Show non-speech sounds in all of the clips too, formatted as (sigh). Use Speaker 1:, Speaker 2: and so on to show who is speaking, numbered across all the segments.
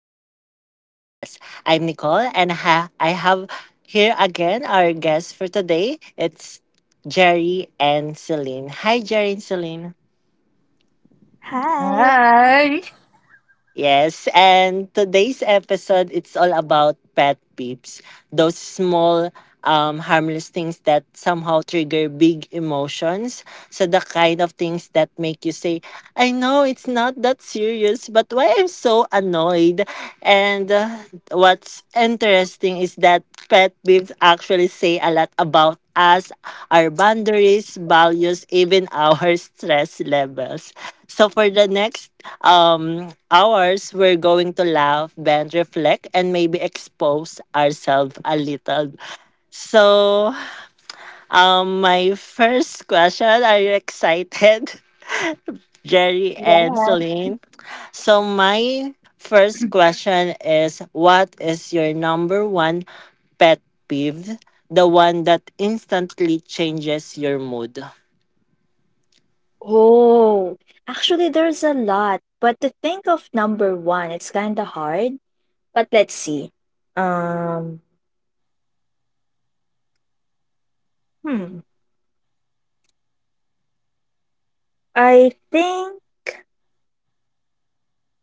Speaker 1: back to the podcast. I'm Nicole, and I have here again our guest for today. It's Jerry and Celine. Hi, Jerry and Celine.
Speaker 2: Hi.
Speaker 3: Hi.
Speaker 1: Yes, and today's episode it's all about pet peeves, those small harmless things that somehow trigger big emotions. So the kind of things that make you say, "I know it's not that serious, but why I'm so annoyed?" And What's interesting is that pet peeves actually say a lot about as our boundaries, values, even our (laughs) stress levels. So for the next hours, we're going to laugh, bend, reflect, and maybe expose ourselves a little. So my first question, are you excited? (laughs) Jerry and
Speaker 2: Yes.
Speaker 1: Celine. So my first question is, what is your number one pet peeve? The one that instantly changes your mood.
Speaker 2: Oh, actually, there's a lot, but to think of number one, it's kind of hard. But let's see. Um, hmm. I think,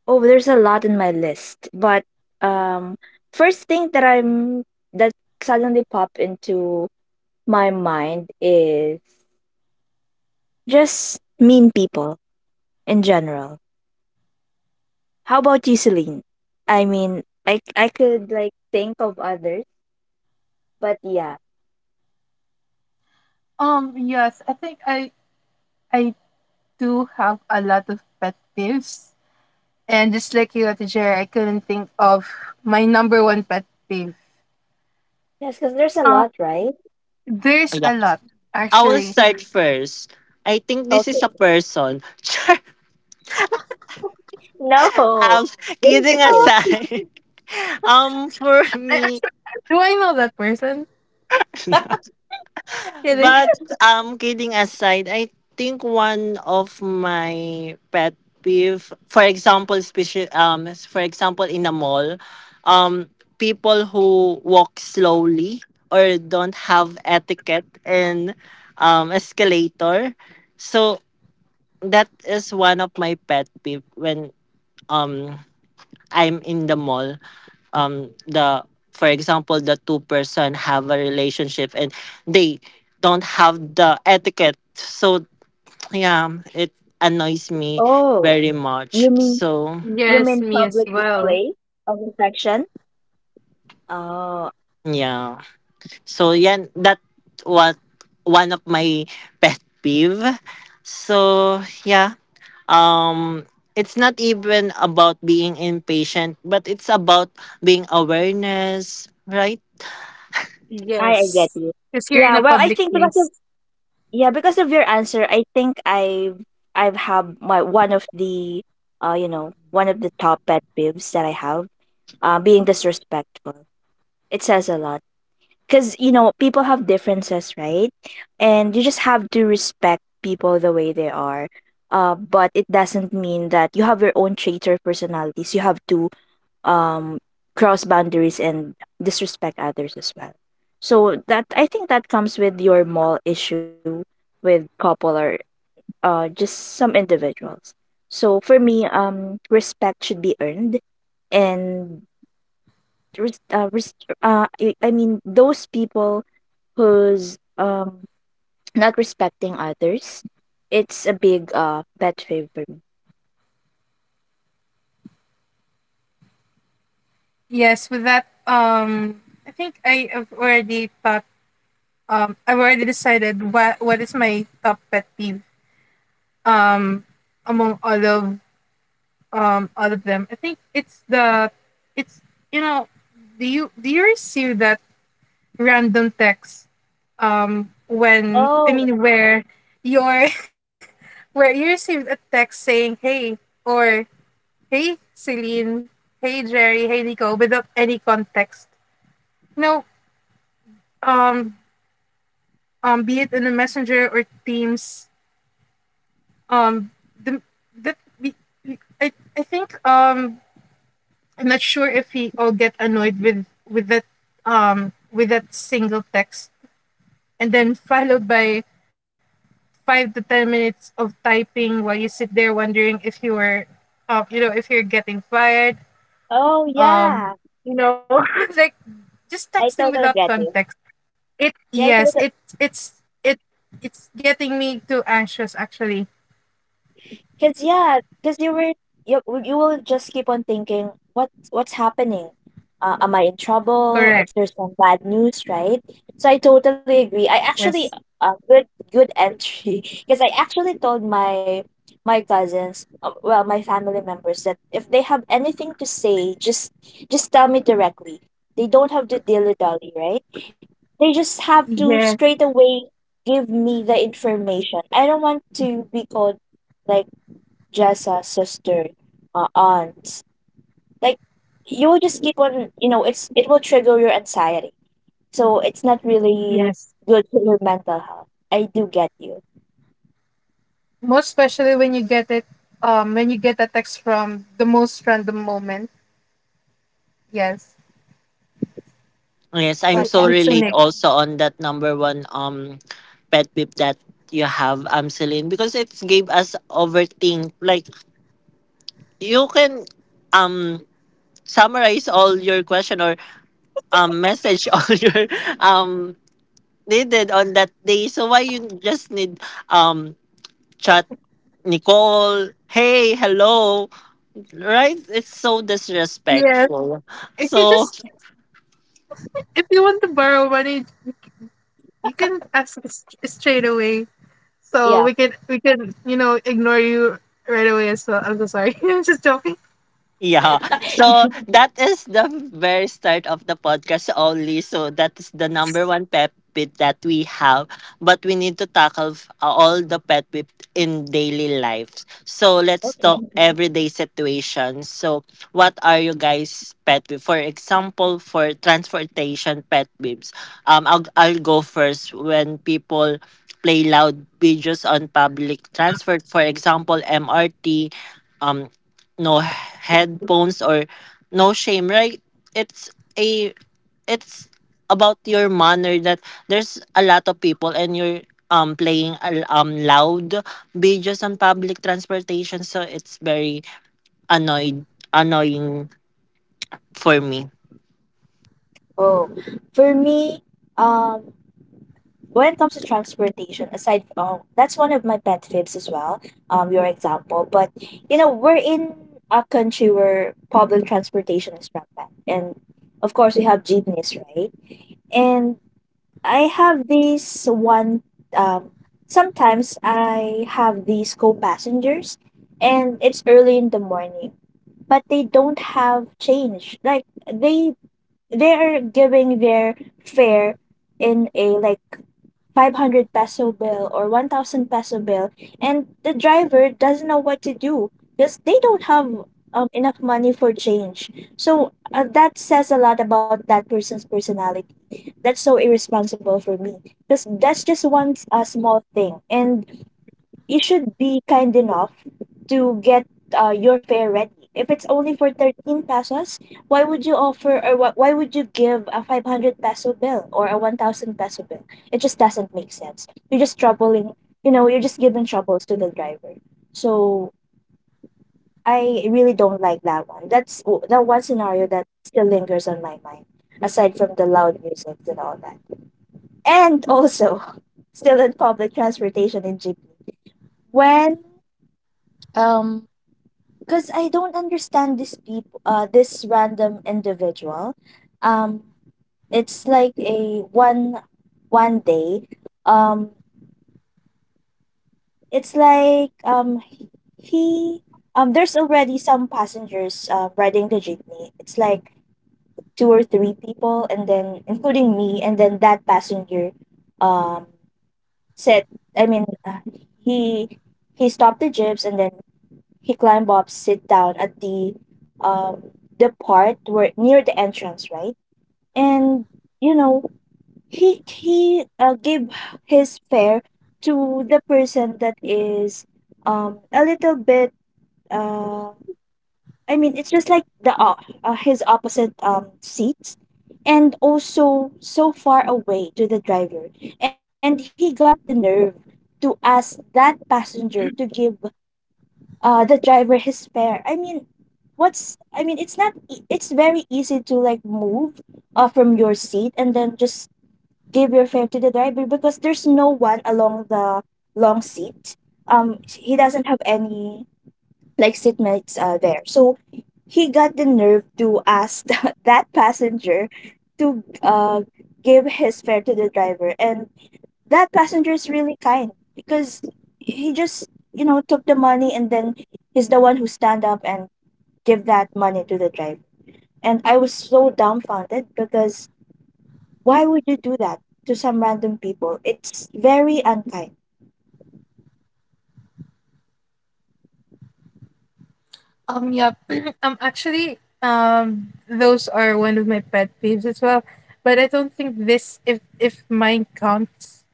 Speaker 2: oh, there's a lot in my list, but um, first thing that suddenly popped into my mind is just mean people in general. How about you, Celine? I mean, I could like think of others, but yeah.
Speaker 3: Yes, I think I do have a lot of pet peeves, and just like you, at Jer, I couldn't think of my number one pet peeve.
Speaker 2: Yes, because there's a
Speaker 3: Um.
Speaker 2: lot, right?
Speaker 3: There's a lot
Speaker 1: I will
Speaker 3: actually.
Speaker 1: start first. I think this
Speaker 2: Okay.
Speaker 1: is a
Speaker 2: (laughs)
Speaker 1: person. (laughs) Sure.
Speaker 2: No,
Speaker 1: Um,
Speaker 2: this is the
Speaker 1: Kidding
Speaker 3: Oh,
Speaker 2: trick.
Speaker 1: aside, (laughs) um, for
Speaker 3: I (laughs)
Speaker 1: me,
Speaker 3: actually, do I know that person? Kidding.
Speaker 1: but
Speaker 2: (laughs)
Speaker 1: kidding aside, I think one of my pet peeve, for example, for example, in a mall, um, people who walk slowly or don't have etiquette in escalator. So that is one of my pet peeve when um I'm in the mall, the for example, the two-person have a relationship and they don't have the etiquette, so yeah, it annoys me
Speaker 2: Oh,
Speaker 1: very
Speaker 2: you
Speaker 1: much.
Speaker 2: mean
Speaker 1: So
Speaker 2: you
Speaker 3: Yes,
Speaker 2: mean
Speaker 3: me as
Speaker 2: public
Speaker 3: well.
Speaker 2: display of affection? Oh,
Speaker 1: yeah, so yeah, that what one of my (laughs) pet peeve. So yeah, um it's not even about being impatient, but it's about being awareness, right?
Speaker 2: I get
Speaker 3: Yes,
Speaker 2: you.
Speaker 3: because here in
Speaker 2: Yeah,
Speaker 3: a
Speaker 2: well, I
Speaker 3: public
Speaker 2: think because of
Speaker 3: place.
Speaker 2: Yeah, because of your answer, I think I've had my one of the you know one of the top pet peeves that I have being disrespectful. It says a lot because you know people have differences, right? And you just have to respect people the way they are. But it doesn't mean that you have your own traits or personalities. You have to um cross boundaries and disrespect others as well. So that I think that comes with your mall issue with couple or just some individuals. So for me, respect should be earned, and res- uh, res- I mean those people whose not respecting others. It's a big pet fave for me.
Speaker 3: Yes, with that. I think I have already thought. I've already decided what is my top pet peeve um among all of them. I think it's, you know, do you receive that random text, when I
Speaker 2: Oh,
Speaker 3: mean where your (laughs) where you received a text saying hey, or hey Celine, hey Jerry, hey Nico, without any context you know um be it in a Messenger or Teams, um the, that the I, I think, I'm not sure if he all get annoyed with that with that single text, and then followed by 5 to 10 minutes of typing while you sit there wondering if you were you know if you're getting fired,
Speaker 2: oh yeah,
Speaker 3: um you know, (laughs) like just
Speaker 2: I
Speaker 3: texting
Speaker 2: totally
Speaker 3: without
Speaker 2: get you.
Speaker 3: context. It
Speaker 2: Yeah, I
Speaker 3: Yes,
Speaker 2: totally.
Speaker 3: it's it it's getting me too anxious actually.
Speaker 2: Because yeah, because you will just keep on thinking what what's happening? Am I in trouble?
Speaker 3: Correct.
Speaker 2: Is there some bad news, right? So I totally agree. I
Speaker 3: Yes,
Speaker 2: actually good good entry (laughs) because I actually told my cousins, well, my family members that if they have anything to say, just tell me directly. They don't have to dilly-dally, right? They just have to
Speaker 3: yes,
Speaker 2: straight away give me the information. I don't want to be called like just a sister, aunts. Like you will just keep on, you know, it will trigger your anxiety. So it's not really
Speaker 3: yes.
Speaker 2: good for your mental health. I do get you.
Speaker 3: Most especially when you get a text from the most random moment. Yes,
Speaker 1: Yes,
Speaker 3: it's
Speaker 1: I'm
Speaker 3: too
Speaker 2: What
Speaker 1: so
Speaker 2: else?
Speaker 3: it's
Speaker 1: relate
Speaker 3: unique.
Speaker 1: also on that number one pet peeve that you have, Celine, because it's gave us overthink. Like you can um summarize all your question or message (laughs) all your um needed on that day. So why you just need um chat Nicole, hey, hello, right? It's so
Speaker 3: Yes,
Speaker 1: disrespectful.
Speaker 3: if you
Speaker 1: So
Speaker 3: just if you want to borrow money, you can ask us straight away, so we
Speaker 2: Yeah.
Speaker 3: can we can you know ignore you right away as well. I'm so sorry, (laughs) I'm just joking.
Speaker 1: yeah. So
Speaker 2: (laughs)
Speaker 1: that is the very start of the podcast only. So that is the number one pet peeve that we have. But we need to tackle all the pet peeve in daily lives. So let's talk
Speaker 2: Okay.
Speaker 1: everyday situations. So what are you guys pet peeve? For example, for transportation pet peeves. Um, I'll go first when people play loud videos on public transport. For example, MRT. Um, no headphones or no shame, right? It's a it's about your manner that there's a lot of people and you're loud be just on public transportation, so it's very annoyed annoying for me.
Speaker 2: Oh, for me, um, when it comes to transportation, aside, that's one of my pet peeves as well. Your example, but you know, we're in a country where public transportation is rampant, and of course, we have jeepneys, right? And I have this one um sometimes I have these co-passengers and it's early in the morning, but they don't have change. Like they they are giving their fare in a like 500 peso bill or 1000 peso bill and the driver doesn't know what to do because they don't have enough money for change. So that says a lot about that person's personality. That's so irresponsible for me because that's just one small thing, and you should be kind enough to get your fare ready. If it's only for 13 pesos, why would you offer or why would you give a 500 peso bill or a 1000 peso bill? It just doesn't make sense. You're just troubling, you know, you're just giving troubles to the driver. So I really don't like that one. That's the one scenario that still lingers on my mind, aside from the loud music and all that. And also, (laughs) still in public transportation in Ghibli, when um because I don't understand this people, this random individual. Um, it's like a one one day. Um, it's like he there's already some passengers riding the jeepney. It's like two or three people, and then including me, and then that passenger um said, I mean, he he stopped the jeeps and then he climbed up, sit down at um the part where near the entrance, right? And you know, he gave his fare to the person that is a little bit uh I mean it's just like the his opposite seats and also so far away to the driver, and he got the nerve to ask that passenger to give the driver his fare. I mean, it's not e- it's very easy to like move from your seat and then just give your fare to the driver, because there's no one along the long seat. He doesn't have any like seatmates there, so he got the nerve to ask (laughs) that passenger to give his fare to the driver. And that passenger is really kind because he just you know took the money and then he's the one who stand up and give that money to the driver. And I was so dumbfounded because why would you do that to some random people? It's very unkind.
Speaker 3: Yeah. (clears throat) Actually, those are one of my pet peeves as well, but I don't think, this if mine counts.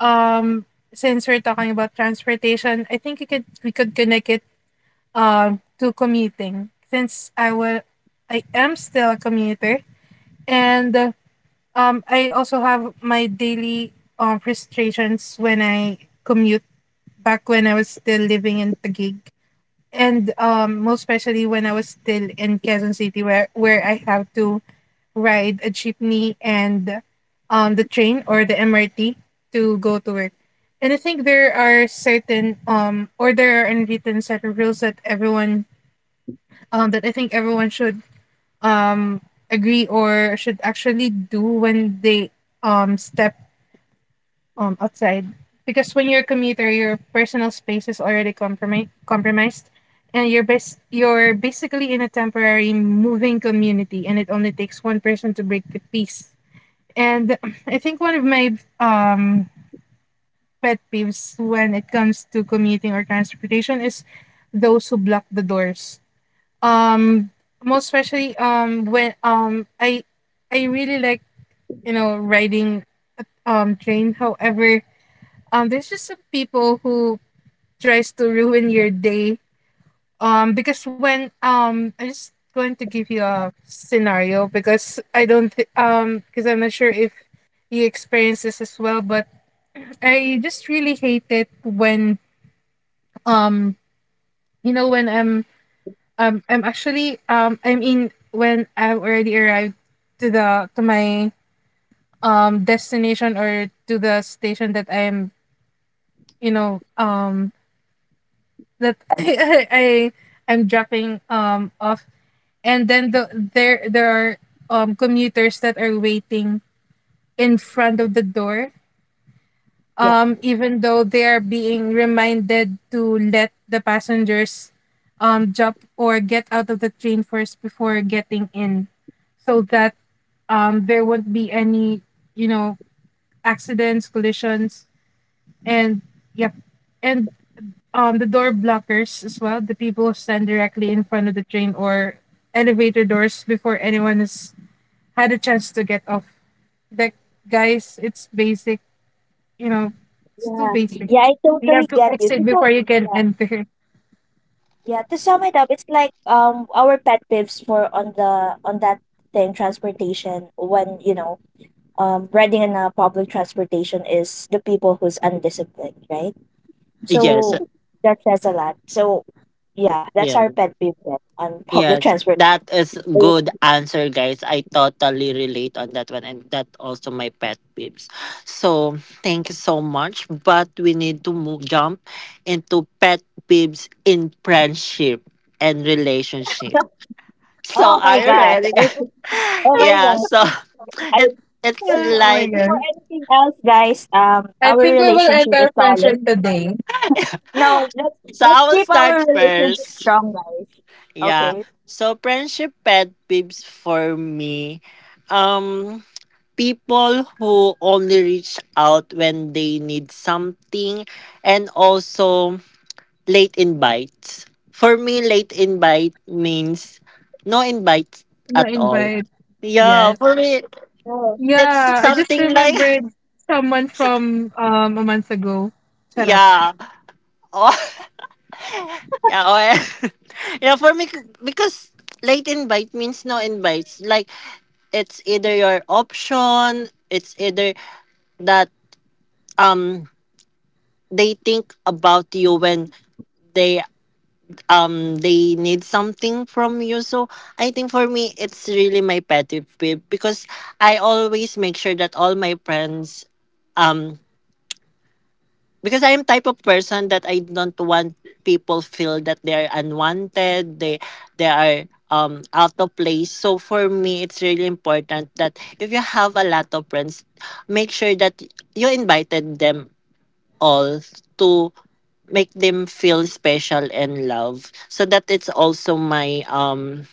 Speaker 3: um since we're talking about transportation, I think you could we could connect it to commuting, since I am still a commuter. And I also have my daily frustrations when I commute back when I was still living in Taguig, and most especially when I was still in Quezon City, where I have to ride a jeepney and the train or the MRT to go to work. And I think there are certain or there are unwritten certain rules that everyone that I think everyone should um agree or should actually do when they step outside. Because when you're a commuter, your personal space is already compromised, and you're you're basically in a temporary moving community, and it only takes one person to break the peace. And I think one of my um pet peeves when it comes to commuting or transportation is those who block the doors. um Most especially, when I really like, riding train. However, there's just some people who tries to ruin your day. Because when I'm just going to give you a scenario, because I'm not sure if you experience this as well. But I just really hate it when, um you know when I'm actually I mean when I've already arrived to the to my destination, or to the station that I'm you know that (laughs) I'm dropping off, and then there are commuters that are waiting in front of the door.
Speaker 2: yeah
Speaker 3: Even though they are being reminded to let the passengers jump or get out of the train first before getting in, so that there won't be any you know accidents, collisions, and, yep, and the door blockers as well, the people who stand directly in front of the train or elevator doors before anyone has had a chance to get off. That Guys, it's basic, you know it's too
Speaker 2: yeah
Speaker 3: basic.
Speaker 2: yeah I
Speaker 3: You
Speaker 2: totally
Speaker 3: have to
Speaker 2: get you. to
Speaker 3: exit
Speaker 2: sum,
Speaker 3: before you can
Speaker 2: yeah
Speaker 3: enter.
Speaker 2: yeah to sum it up, it's like our pet peeves for on the on that thing transportation, when you know riding in a public transportation, is the people who's undisciplined, right?
Speaker 1: Yes,
Speaker 2: So that says a lot. So yeah, that's
Speaker 1: yeah.
Speaker 2: our pet peeve then on public
Speaker 1: Yes,
Speaker 2: transport.
Speaker 1: that is
Speaker 2: Oh.
Speaker 1: good answer, guys. I totally relate on that one, and that also my pet peeves. So thank you so much, but we need to move jump into pet peeves in friendship and relationship.
Speaker 2: (laughs) Oh
Speaker 1: So
Speaker 2: my
Speaker 1: are you
Speaker 2: gosh.
Speaker 1: ready,
Speaker 2: Oh,
Speaker 1: guys? (laughs)
Speaker 2: oh
Speaker 3: (laughs)
Speaker 2: my
Speaker 1: Yeah.
Speaker 2: gosh.
Speaker 1: So (laughs)
Speaker 2: I
Speaker 1: it it's
Speaker 2: just-
Speaker 3: Oh my
Speaker 1: like
Speaker 3: god,
Speaker 2: before anything else, guys,
Speaker 3: I
Speaker 2: our
Speaker 3: think we will end
Speaker 2: relationship is
Speaker 3: our friendship
Speaker 2: solid.
Speaker 3: today.
Speaker 2: No, let's
Speaker 1: so.
Speaker 2: let's
Speaker 1: I will
Speaker 2: keep our
Speaker 1: start
Speaker 2: relationship
Speaker 1: first.
Speaker 2: strong, guys.
Speaker 1: Yeah.
Speaker 2: Okay.
Speaker 1: So friendship pet peeves for me. Um, people who only reach out when they need something, and also late invites. For me, late invite means no invites
Speaker 3: No
Speaker 1: at all.
Speaker 3: invite.
Speaker 1: Yeah,
Speaker 3: Yes.
Speaker 1: for me,
Speaker 2: Oh,
Speaker 1: it's
Speaker 3: Yeah, I just
Speaker 1: something like,
Speaker 3: remembered someone from a month ago.
Speaker 1: (laughs)
Speaker 3: Shut up.
Speaker 1: yeah. Oh, (laughs) yeah, oh, yeah. (laughs) Yeah, for me, because late invite means no invites. Like, it's either your option, it's either that um they think about you when they they need something from you. So I think for me it's really my pet peeve because I always make sure that all my friends, um because I am type of person that I don't want people feel that they are unwanted, they are out of place. So for me it's really important that if you have a lot of friends, make sure that you invited them all to make them feel special and loved. So that it's also my um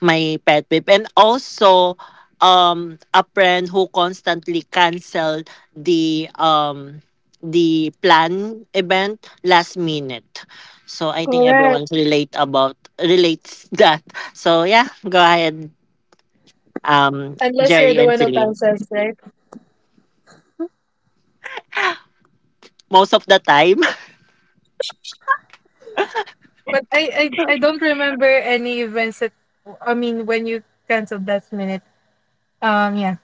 Speaker 1: my pet peeve. And also a friend who constantly cancel the um the plan event last minute. So I think
Speaker 3: Correct.
Speaker 1: everyone's relates (laughs) that. So yeah, go ahead,
Speaker 3: Unless you're
Speaker 1: Jerry
Speaker 3: the
Speaker 1: and
Speaker 3: one who
Speaker 1: Celine.
Speaker 3: cancels, right?
Speaker 1: Most of the time.
Speaker 3: But I don't remember any events that, I mean, when you canceled last minute. Yeah.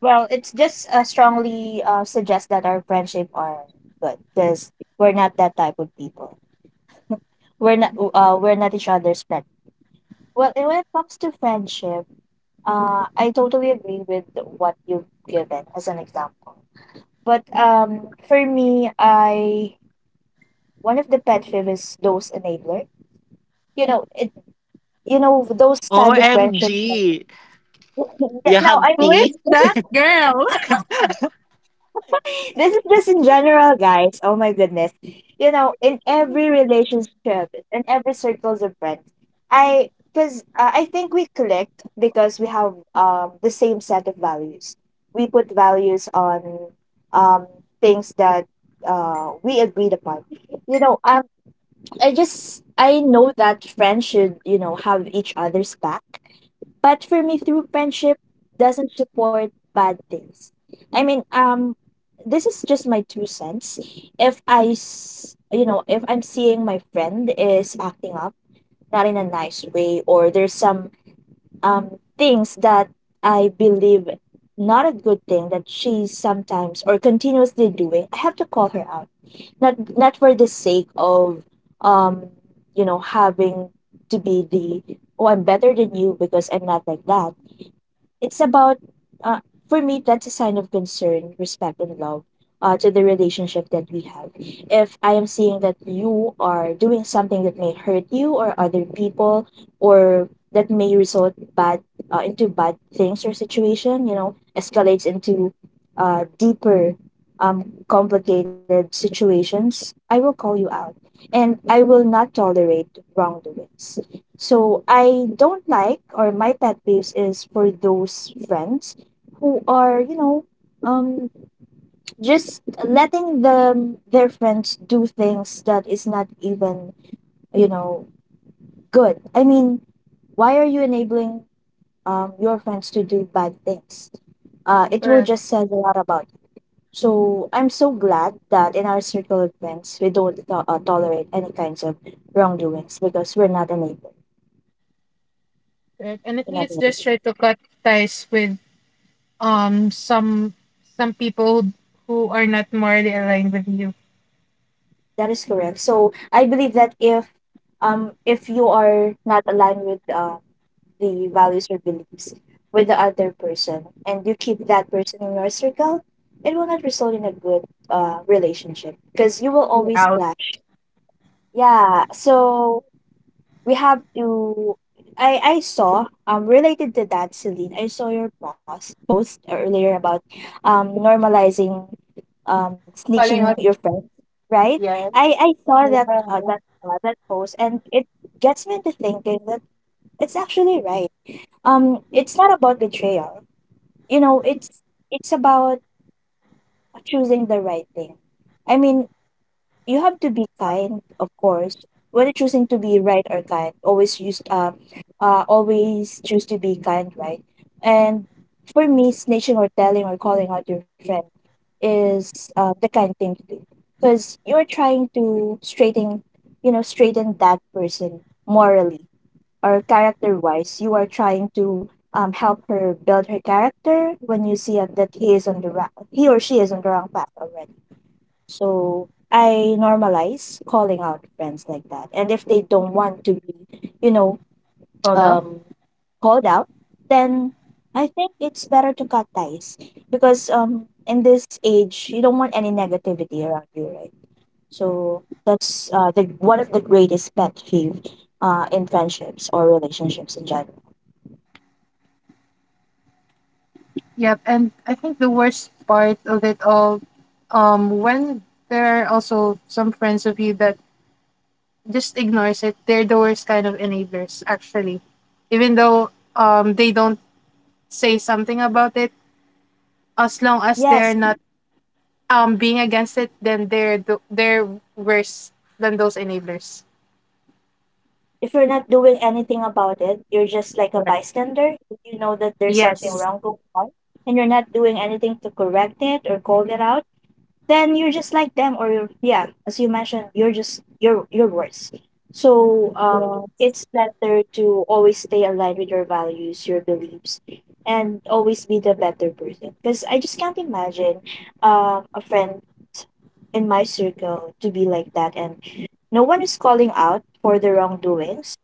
Speaker 2: well, it's just strongly suggest that our friendship are good because we're not that type of people. We're not each other's pet. Well, and when it comes to friendship, uh, I totally agree with what you've given as an example. But for me, I one of the pet peeve is those enabler. You know, you know those
Speaker 1: (laughs)
Speaker 2: kind of friendships. (laughs) That-
Speaker 1: OMG. You
Speaker 2: yeah, no,
Speaker 1: have
Speaker 2: I mean
Speaker 3: What?
Speaker 1: tea.
Speaker 2: this is (laughs) this is just in general, guys. Oh my goodness. You know, in every relationship, in every circles of friends, I, because I think we clicked because we have the same set of values. We put values on um things that we agreed upon. You know, I know that friends should, you know, have each other's back, but for me, through friendship doesn't support bad things. I mean, this is just my two cents. If I, s- You know, if I'm seeing my friend is acting up, not in a nice way, or there's some things that I believe not a good thing that she's sometimes or continuously doing, I have to call her out. Not for the sake of um, you know, having to be the oh I'm better than you because I'm not like that. It's about uh, for me that's a sign of concern, respect, and love to the relationship that we have. If I am seeing that you are doing something that may hurt you or other people, or that may result bad into bad things or situation, you know, escalates into deeper complicated situations, I will call you out, and I will not tolerate wrongdoings. So I don't like or my pet peeves is for those friends who are, you know, um just letting them their friends do things that is not even, you know, good. I mean, why are you enabling your friends to do bad things? Uh, it will
Speaker 3: Correct.
Speaker 2: just says a lot about you. So I'm so glad that in our circle of friends we don't tolerate any kinds of wrongdoings because we're not enabled.
Speaker 3: Correct. And I
Speaker 2: We're
Speaker 3: think
Speaker 2: not
Speaker 3: it's
Speaker 2: enabled.
Speaker 3: just try to cut ties with um some some people who are not morally aligned with you.
Speaker 2: That is correct. So I believe that if you are not aligned with the values or beliefs with the other person and you keep that person in your circle, it will not result in a good relationship because you will
Speaker 3: You're
Speaker 2: always
Speaker 3: out.
Speaker 2: clash. Yeah. So we have to. I saw related to that, Celine, I saw your post earlier about normalizing
Speaker 3: Falling
Speaker 2: snitching
Speaker 3: out.
Speaker 2: your friends, right?
Speaker 3: Yes.
Speaker 2: I saw that
Speaker 3: Yeah.
Speaker 2: that post and it gets me to thinking that it's actually right. It's not about betrayal, you know, it's about choosing the right thing. I mean, you have to be kind, of course. When choosing to be right or kind, always use always choose to be kind, right? And for me, snitching or telling or calling out your friend is the kind thing to do because you're trying to straighten, you know, straighten that person morally or character wise. You are trying to help her build her character when you see that he or she is on the wrong path already. So I normalize calling out friends like that. And if they don't want to be, you know,
Speaker 3: Hold up.
Speaker 2: um, called out, then I think it's better to cut ties because in this age, you don't want any negativity around you, right? So that's the one of the greatest pet peeve in friendships or relationships in general.
Speaker 3: Yep. And I think the worst part of it all, when there are also some friends of you that just ignores it. They're the worst kind of enablers, actually. Even though they don't say something about it, as long as
Speaker 2: Yes.
Speaker 3: they're not being against it, then they're worse than those enablers.
Speaker 2: If you're not doing anything about it, you're just like a
Speaker 3: Correct.
Speaker 2: bystander. If you know that there's something
Speaker 3: Yes.
Speaker 2: wrong going on and you're not doing anything to correct it or call it out, then you're just like them or you're, yeah, as you mentioned, you're just you're worse. So
Speaker 3: Yeah.
Speaker 2: it's better to always stay aligned with your values, your beliefs, and always be the better person. Because I just can't imagine a friend in my circle to be like that, and no one is calling out for the wrongdoings.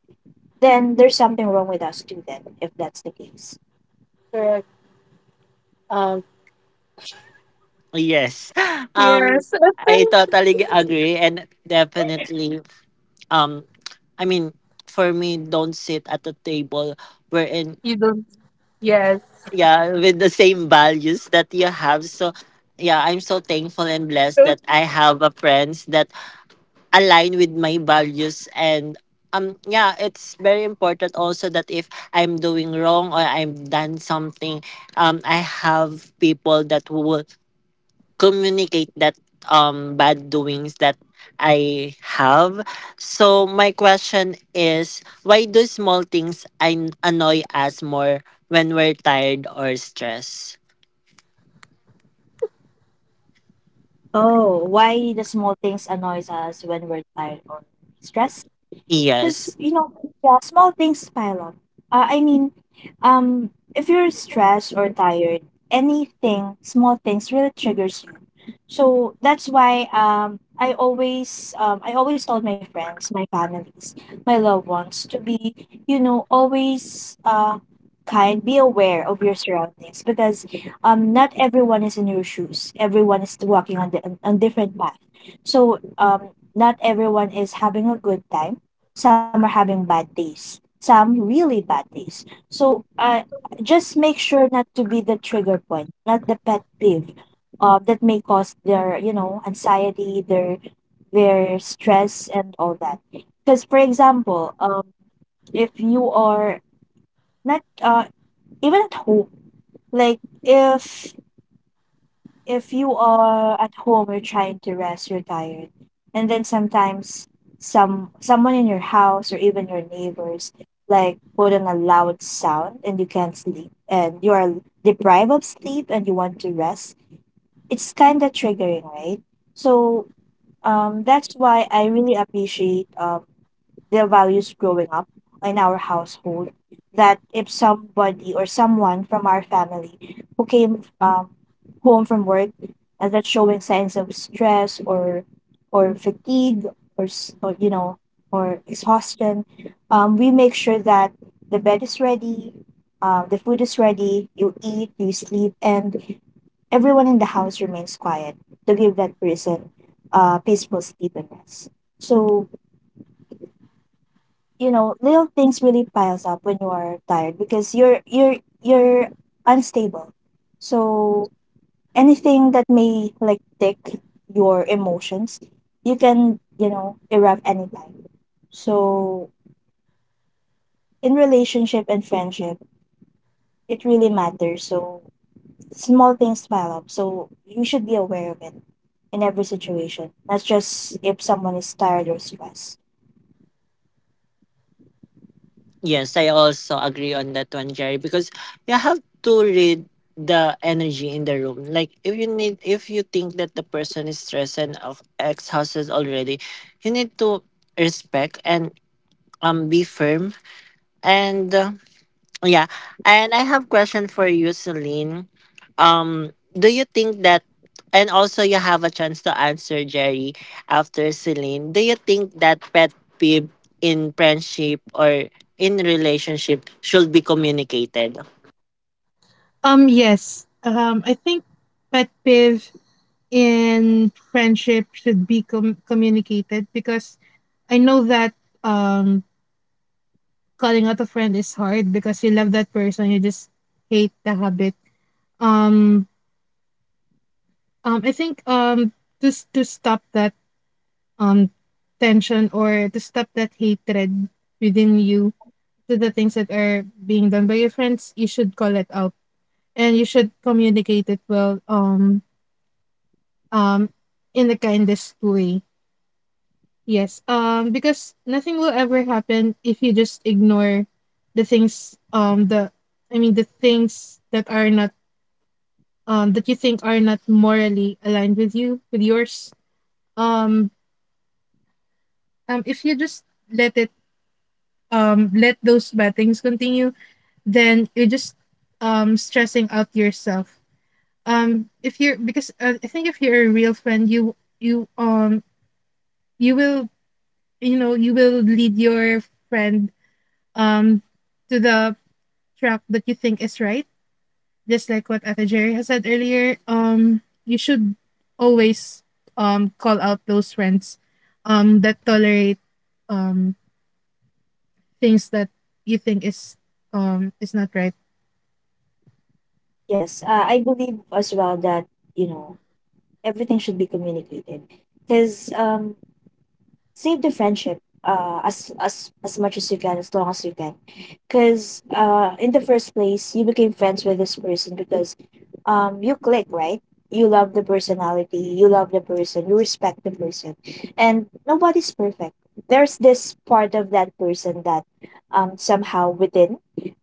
Speaker 2: Then there's something wrong with us too then, if that's the case.
Speaker 3: Correct. Um,
Speaker 1: Yes. (gasps) Um,
Speaker 3: Yes. (laughs) I
Speaker 1: I
Speaker 3: think
Speaker 1: totally agree, and definitely um I mean, for me, don't sit at a table wherein,
Speaker 3: you don't. Yes.
Speaker 1: yeah, with the same values that you have. So yeah, I'm so thankful and blessed
Speaker 3: Don't-
Speaker 1: that I have a friends that align with my values. And yeah, it's very important also that if I'm doing wrong or I'm done something, I have people that will communicate that bad doings that I have. So my question is, why do small things annoy us more when we're tired or stressed?
Speaker 2: Oh, why the small things annoys us when we're tired or stressed?
Speaker 1: Yes.
Speaker 2: Because you know, yeah, small things pile up. Uh, i mean um if you're stressed or tired, anything small things really triggers you. So that's why I always I always told my friends, my families, my loved ones to be, you know, always kind, be aware of your surroundings, because not everyone is in your shoes. Everyone is walking on the on different path. So not everyone is having a good time. Some are having bad days, some really bad days. So just make sure not to be the trigger point, not the pet peeve that may cause their, you know, anxiety, their stress and all that. Because for example, if you are not even at home, like if you are at home, you're trying to rest, you're tired, and then sometimes some someone in your house or even your neighbors like put on a loud sound, and you can't sleep, and you are deprived of sleep and you want to rest. It's kind of triggering, right? So that's why I really appreciate the values growing up in our household, that if somebody or someone from our family who came home from work and that's showing signs of stress or fatigue, or, you know, or exhaustion, we make sure that the bed is ready, the food is ready, you eat, you sleep, and everyone in the house remains quiet to give that person peaceful sleep and rest. So you know, little things really piles up when you are tired, because you're unstable. So anything that may like tick your emotions, you can, you know, erupt anytime. So in relationship and friendship, it really matters. So small things pile up, so you should be aware of it in every situation, not just if someone is tired or stressed.
Speaker 1: Yes, I also agree on that one, Jerry, because you have to read the energy in the room. Like if you need if you think that the person is stressed and of exhausted already, you need to respect and be firm, and yeah. And I have question for you, Celine. Um, do you think that, and also you have a chance to answer Jerry after Celine, do you think that pet peeve in friendship or in relationship should be communicated?
Speaker 3: Yes. I think pet peeve in friendship should be communicated because I know that calling out a friend is hard, because you love that person, you just hate the habit. Um, I think, just to stop that um tension, or to stop that hatred within you, to the things that are being done by your friends, you should call it out, and you should communicate it well. Um, in the kindest way. Yes. Because nothing will ever happen if you just ignore the things. The I mean the things that are not, that you think are not morally aligned with yours. um, um, if you just let it let those bad things continue, then you're just stressing out yourself. If you're, because, I think if you're a real friend, you you will you know you will lead your friend um to the track that you think is right. Just like what Ate Jerry has said earlier, you should always call out those friends that tolerate um things that you think is not right.
Speaker 2: Yes, I believe as well that, you know, everything should be communicated, because save the friendship as much as you can, as long as you can. Because in the first place, you became friends with this person because you click, right? You love the personality, you love the person, you respect the person. And nobody's perfect. There's this part of that person that somehow within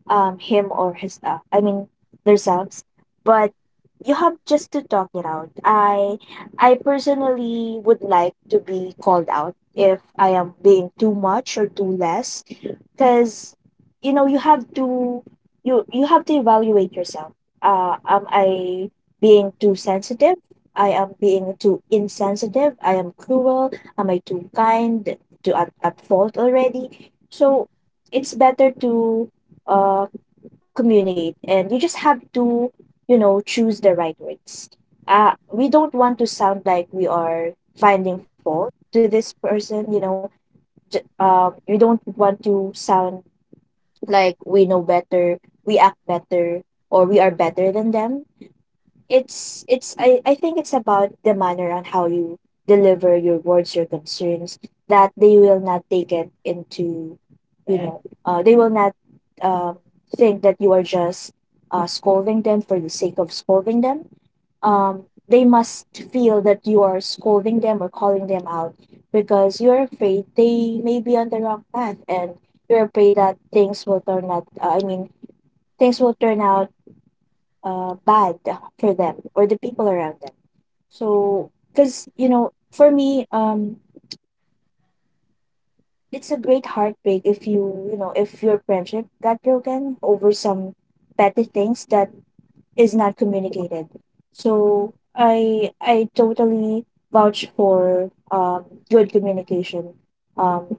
Speaker 2: him or his I mean, themselves. But you have just to talk it out. I personally would like to be called out if I am being too much or too less, because you know, you have to, you have to evaluate yourself. Am I being too sensitive? I am being too insensitive. I am cruel. Am I too kind? To, at fault already? So it's better to uh communicate, and you just have to, you know, choose the right words. We don't want to sound like we are finding fault to this person, you know. We don't want to sound like we know better, we act better, or we are better than them. It's, I think it's about the manner and how you deliver your words, your concerns, that they will not take it into, you know, they will not um, think that you are just scolding them for the sake of scolding them. um, they must feel that you are scolding them or calling them out because you're afraid they may be on the wrong path, and you're afraid that things will turn out, I mean, things will turn out bad for them or the people around them. So, because you know, for me, it's a great heartbreak if you, you know, if your friendship got broken over some petty things that is not communicated. So I totally vouch for good communication um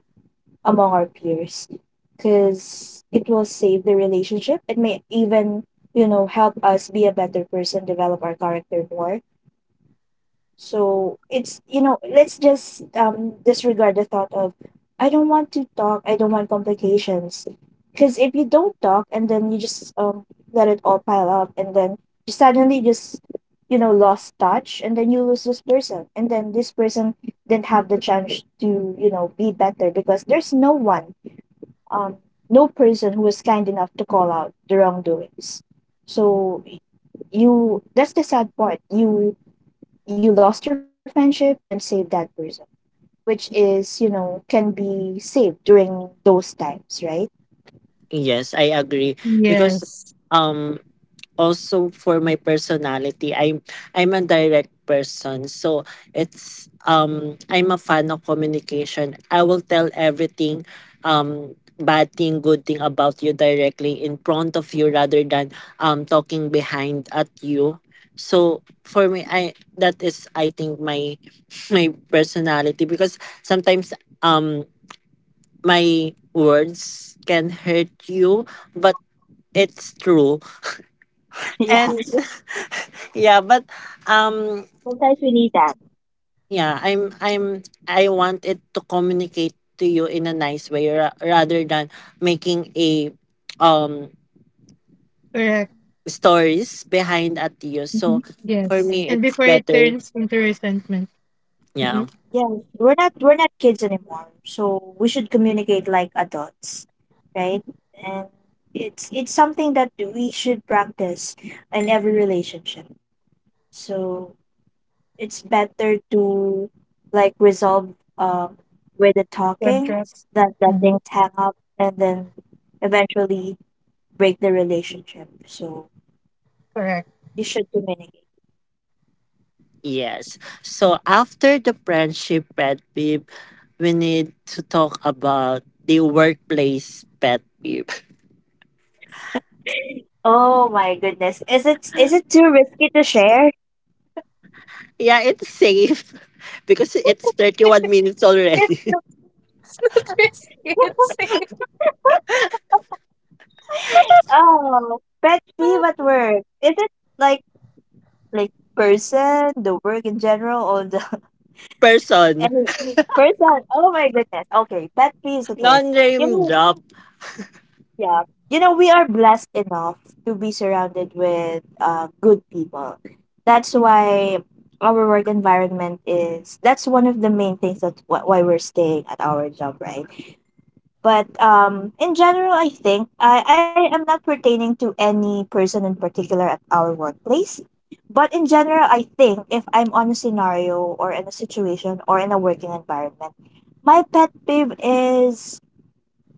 Speaker 2: among our peers, because it will save the relationship. It may even, you know, help us be a better person, develop our character more. So it's, you know, let's just disregard the thought of, I don't want to talk, I don't want complications. Because if you don't talk and then you just let it all pile up, and then you suddenly just, you know, lost touch, and then you lose this person, and then this person didn't have the chance to, you know, be better because there's no one um no person who was kind enough to call out the wrongdoings. So you, that's the sad part. You lost your friendship, you didn't save that person, which is, you know, can be saved during those times, right? (laughs)
Speaker 1: Yes, I agree. Because
Speaker 3: Yes.
Speaker 1: um also for my personality, I'm a direct person. So it's I'm a fan of communication. I will tell everything, bad thing, good thing about you, directly in front of you rather than talking behind at you. So for me I that is, I think, my (laughs) my personality, because sometimes um my words can hurt you, but it's true,
Speaker 2: Yeah.
Speaker 1: and (laughs) yeah. But um
Speaker 2: Sometimes we need that.
Speaker 1: yeah, I'm I want it to communicate to you in a nice way rather than making a um
Speaker 3: Correct.
Speaker 1: stories behind at you.
Speaker 2: Mhm.
Speaker 1: So for
Speaker 3: Yes.
Speaker 1: me
Speaker 3: And
Speaker 1: it's
Speaker 3: before it
Speaker 1: better,
Speaker 3: turns into resentment. Mm-hmm.
Speaker 1: yeah.
Speaker 2: Yeah, we're not kids anymore, so we should communicate like adults, right? And it's something that we should practice in every relationship. So it's better to like resolve with the talking
Speaker 3: Trust.
Speaker 2: than let
Speaker 3: Mm-hmm.
Speaker 2: things hang up and then eventually break the relationship. So
Speaker 3: Correct.
Speaker 2: you should communicate.
Speaker 1: Yes, so after the friendship pet peeve, we need to talk about the workplace pet peeve.
Speaker 2: Oh my goodness. Is it, is it too risky to share?
Speaker 1: (laughs) Yeah, it's safe (laughs) because it's 31 minutes
Speaker 3: It's
Speaker 1: already.
Speaker 3: not,
Speaker 1: (laughs)
Speaker 3: it's (laughs) not risky. It's safe.
Speaker 2: Oh, pet peeve at work. Is it like like person, the work in general, or the (laughs)
Speaker 1: Person
Speaker 2: any person? Oh my goodness. Okay, pet peeves at work. You
Speaker 1: non-name
Speaker 2: know,
Speaker 1: drop.
Speaker 2: yeah. You know, we are blessed enough to be surrounded with good people. That's why our work environment is, that's one of the main things that why we're staying at our job, right? But in general, I think I am not pertaining to any person in particular at our workplace. But in general, I think if I'm on a scenario or in a situation or in a working environment, my pet peeve is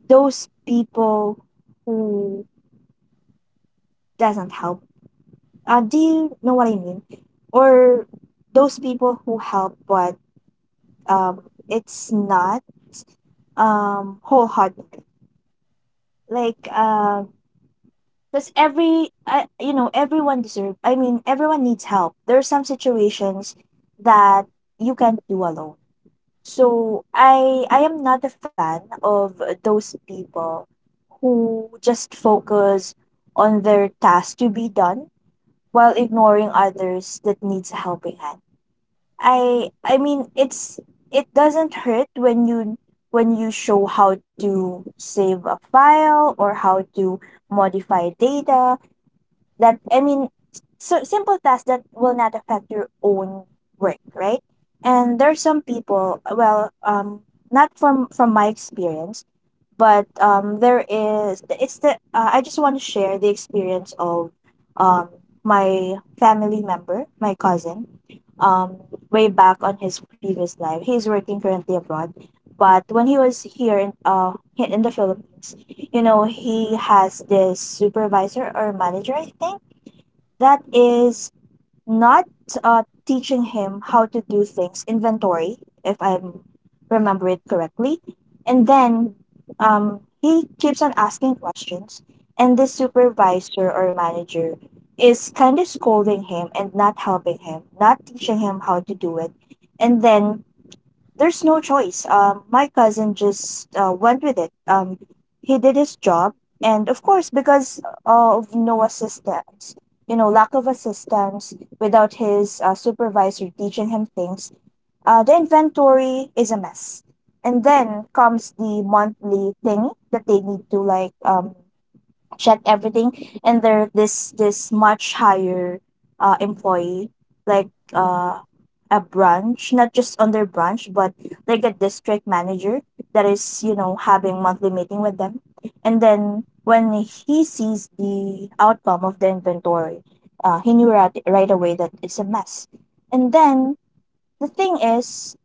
Speaker 2: those people who doesn't help. Do you know what I mean? Or those people who help but um, it's not wholehearted. Like because every you know, everyone deserve, I mean, everyone needs help. There are some situations that you can't do alone. So I am not a fan of those people who just focus on their task to be done while ignoring others that needs a helping hand. I mean it's, it doesn't hurt when you, when you show how to save a file or how to modify data. That, I mean, so simple tasks that will not affect your own work, right? And there's some people, well, not from my experience, but there is, it's the I just want to share the experience of um my family member, my cousin. um Way back on his previous life, he's working currently abroad, but when he was here in in the Philippines, you know, he has this supervisor or manager, I think, that is not teaching him how to do things, inventory, if I remember it correctly. And then he keeps on asking questions, and this supervisor or manager is kind of scolding him and not helping him, not teaching him how to do it. And then there's no choice. My cousin just went with it. He did his job, and of course, because of no assistance, you know, lack of assistance, without his supervisor teaching him things, the inventory is a mess. And then comes the monthly thing that they need to like check everything. And there, this much higher employee, like uh a branch, not just on their branch, but like a district manager that is, you know, having monthly meeting with them. And then when he sees the outcome of the inventory, he knew right, right away that it's a mess. And then the thing is,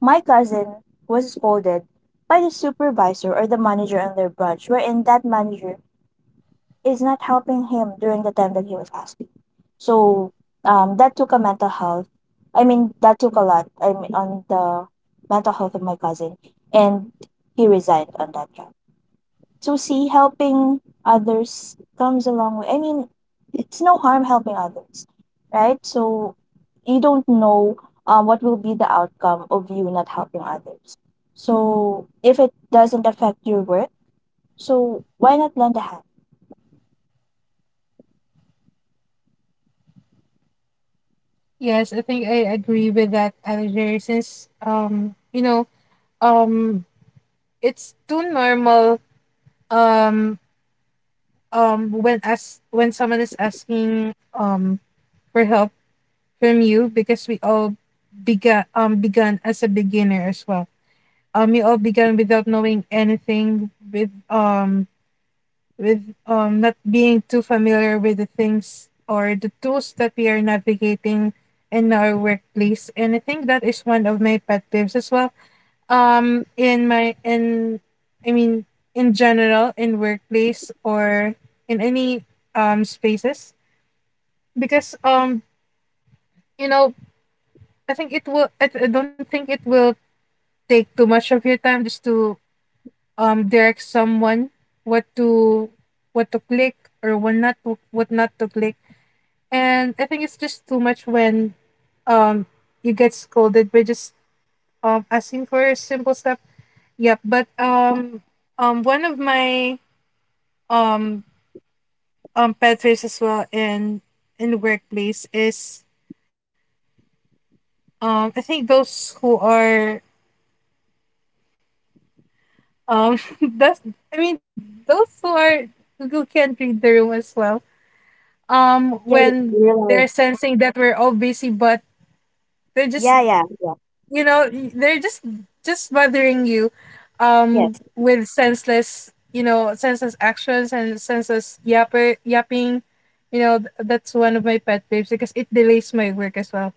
Speaker 2: my cousin was scolded by the supervisor or the manager on their branch, wherein that manager is not helping him during the time that he was asking. So that took a mental health. I mean, that took a lot. I mean, on the mental health of my cousin, and he resigned on that job. So see, helping others comes a long way. I mean, it's no harm helping others, right? So you don't know what will be the outcome of you not helping others. So if it doesn't affect your work, so why not lend a hand?
Speaker 3: Yes, I think I agree with that, Alger, since um it's too normal, um when someone is asking for help from you. Because we all began as a beginner as well. We all began without knowing anything, with not being too familiar with the things or the tools that we are navigating in our workplace. And I think that is one of my pet peeves as well, in my in I mean in general, in workplace or in any spaces. Because, you know I think it will I don't think it will take too much of your time, just to direct someone what to what to click, or what not to click. And I think it's just too much when um you get scolded by just asking for simple stuff. Yep, but one of my um pet peeves as well in the workplace is, I think those who are (laughs) that's I mean those who are who can't read the room as well.
Speaker 2: Yeah,
Speaker 3: When
Speaker 2: realize.
Speaker 3: they're sensing that we're all busy, but they're just
Speaker 2: Yeah, yeah, yeah.
Speaker 3: they're just bothering you
Speaker 2: Yes.
Speaker 3: with senseless, senseless actions, and senseless yapping. That's one of my pet peeves, because it delays my work as well.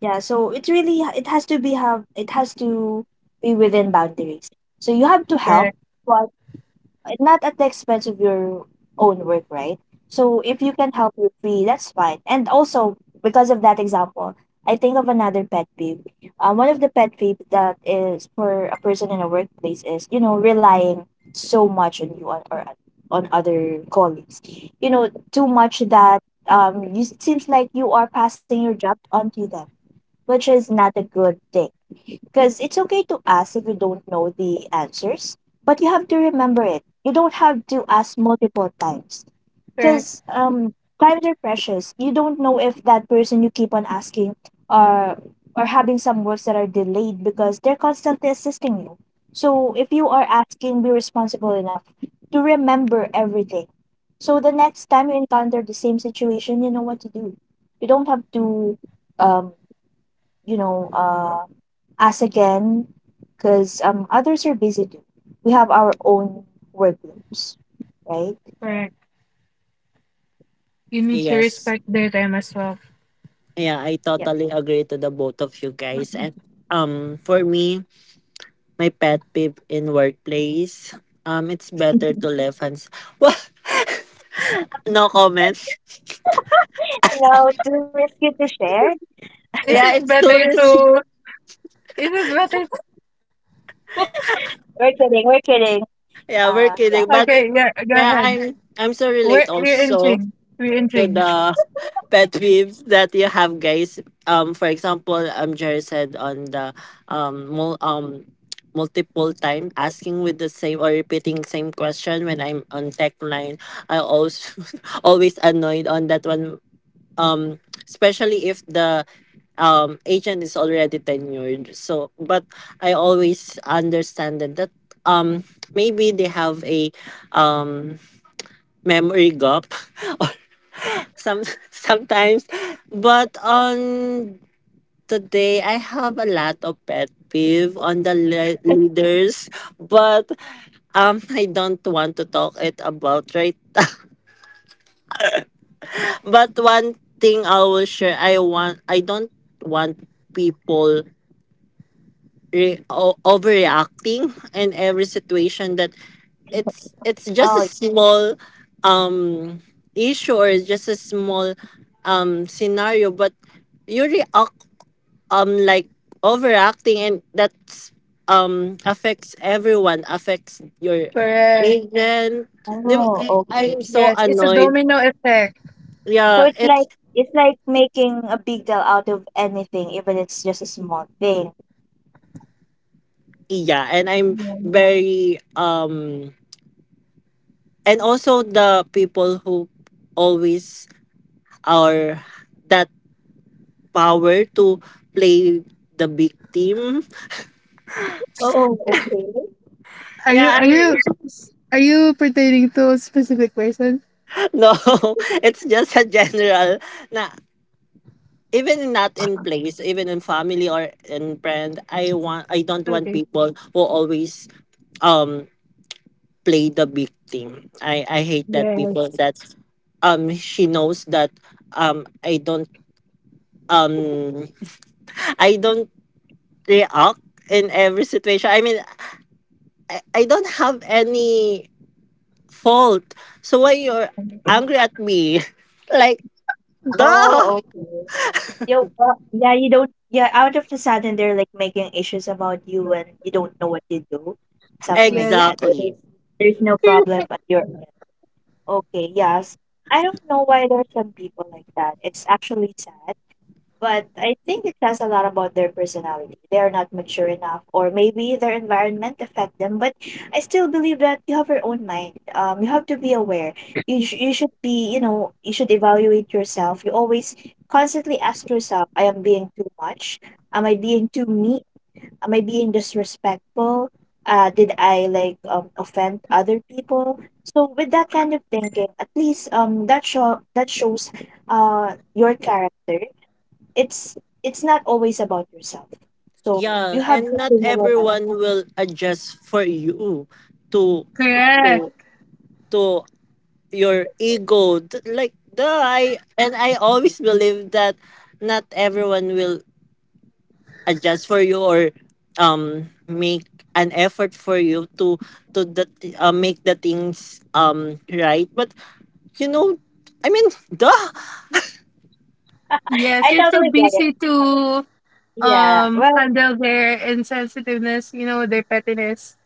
Speaker 2: Yeah, so it really it has to be have it has to be within boundaries. So you have to help
Speaker 3: Correct.
Speaker 2: not at the expense of your own work, right? So if you can help you free, that's fine. And also because of that example, I think of another pet peeve. One of the pet peeve that is for a person in a workplace is relying so much on you on, or on other colleagues. You know too much that you, it seems like you are passing your job onto them, which is not a good thing because it's okay to ask if you don't know the answers, but you have to remember it. You don't have to ask multiple times.
Speaker 3: Correct.
Speaker 2: Because times are precious. You don't know if that person you keep on asking are are having some works that are delayed because they're constantly assisting you. So if you are asking, be responsible enough to remember everything. So the next time you encounter the same situation, you know what to do. You don't have to, um, you know, uh us again because others are busy too. We have our own workloads, right?
Speaker 3: Correct. You need to
Speaker 1: Yes.
Speaker 3: respect their time as well.
Speaker 1: Yeah, I
Speaker 2: Yeah.
Speaker 1: totally agree to the both of you guys. And for me, my pet peeve in workplace, it's better to
Speaker 2: (laughs)
Speaker 1: left hands. (laughs) What? No comment.
Speaker 2: No, too risky (laughs) to share.
Speaker 3: Is
Speaker 1: Yeah,
Speaker 3: it
Speaker 1: it's
Speaker 3: better
Speaker 1: tourists. (laughs)
Speaker 3: to is it better to,
Speaker 2: We're kidding. We're kidding.
Speaker 1: Yeah, we're
Speaker 2: Yeah.
Speaker 1: kidding. But
Speaker 3: Okay, yeah, go
Speaker 1: yeah,
Speaker 3: ahead.
Speaker 1: I'm so
Speaker 3: we're,
Speaker 1: relate
Speaker 3: we're
Speaker 1: also
Speaker 3: intrigued. we're
Speaker 1: to
Speaker 3: intrigued
Speaker 1: the pet peeves that you have, guys. For example, Jerry said on the um, mul- um, multiple time asking with the same or repeating same question when I'm on tech line. I also (laughs) always annoyed on that one. Especially if the agent is already tenured. So, but I always understand that that um maybe they have a um memory gap some (laughs) sometimes. But on the day I have a lot of pet peeve on the leaders, but (laughs) I don't want to talk it about right now. (laughs) But one thing I will share, I want I don't want people overreacting in every situation that it's just a
Speaker 2: Oh,
Speaker 1: small um issue, or it's just a small scenario, but you react um like overacting, and that's affects everyone, affects your
Speaker 3: Correct.
Speaker 1: agent. Di ba,
Speaker 2: oh,
Speaker 1: I'm
Speaker 2: okay.
Speaker 1: so
Speaker 3: Yes, it's a
Speaker 1: annoyed.
Speaker 3: domino effect.
Speaker 2: So
Speaker 1: yeah
Speaker 2: it's
Speaker 1: it's
Speaker 2: like making a big deal out of anything, even it's just a small thing.
Speaker 1: yeah, and I'm very and also the people who always are that power to play the victim.
Speaker 2: Oh, okay.
Speaker 3: Are you
Speaker 1: Yeah,
Speaker 3: are you are you pertaining to a specific person?
Speaker 1: (laughs) no. (laughs) It's just a general na, even not in place, even in family or in friend, I don't want
Speaker 3: Okay.
Speaker 1: people who always um play the victim. I hate that people
Speaker 3: Yes.
Speaker 1: that she knows that I don't um (laughs) I don't react in every situation. I don't have any fault. So why you're angry at me? (laughs) Like, duh.
Speaker 2: Oh, okay. Yo, yeah, you don't, yeah, out of the sudden they're like making issues about you and you don't know what you do, something like
Speaker 3: Yes. (laughs)
Speaker 2: that. Or
Speaker 1: Exactly.
Speaker 2: there's no problem
Speaker 3: Perfect.
Speaker 2: at your end. Okay, yes. I don't know why there's some people like that. It's actually sad. But I think it says a lot about their personality. They are not mature enough, or maybe their environment affect them. But I still believe that you have your own mind. You have to be aware. You should be you should evaluate yourself. You always constantly ask yourself, I am being too much. Am I being too mean? Am I being disrespectful? Did I like offend other people? So with that kind of thinking, at least that shows your character it's it's not always about yourself. So
Speaker 1: Yeah,
Speaker 2: you have
Speaker 1: and
Speaker 2: to
Speaker 1: not
Speaker 2: think about that.
Speaker 1: everyone will adjust for you to to
Speaker 3: Correct.
Speaker 1: to your ego. Like the I and I always believe that not everyone will adjust for you or make an effort for you to the make the things right. But, you know, I mean, duh. (laughs)
Speaker 2: (laughs)
Speaker 3: Yes,
Speaker 2: I
Speaker 3: you're too
Speaker 2: totally get it.
Speaker 3: busy to
Speaker 2: Yeah. Well,
Speaker 3: handle their insensitiveness, their pettiness.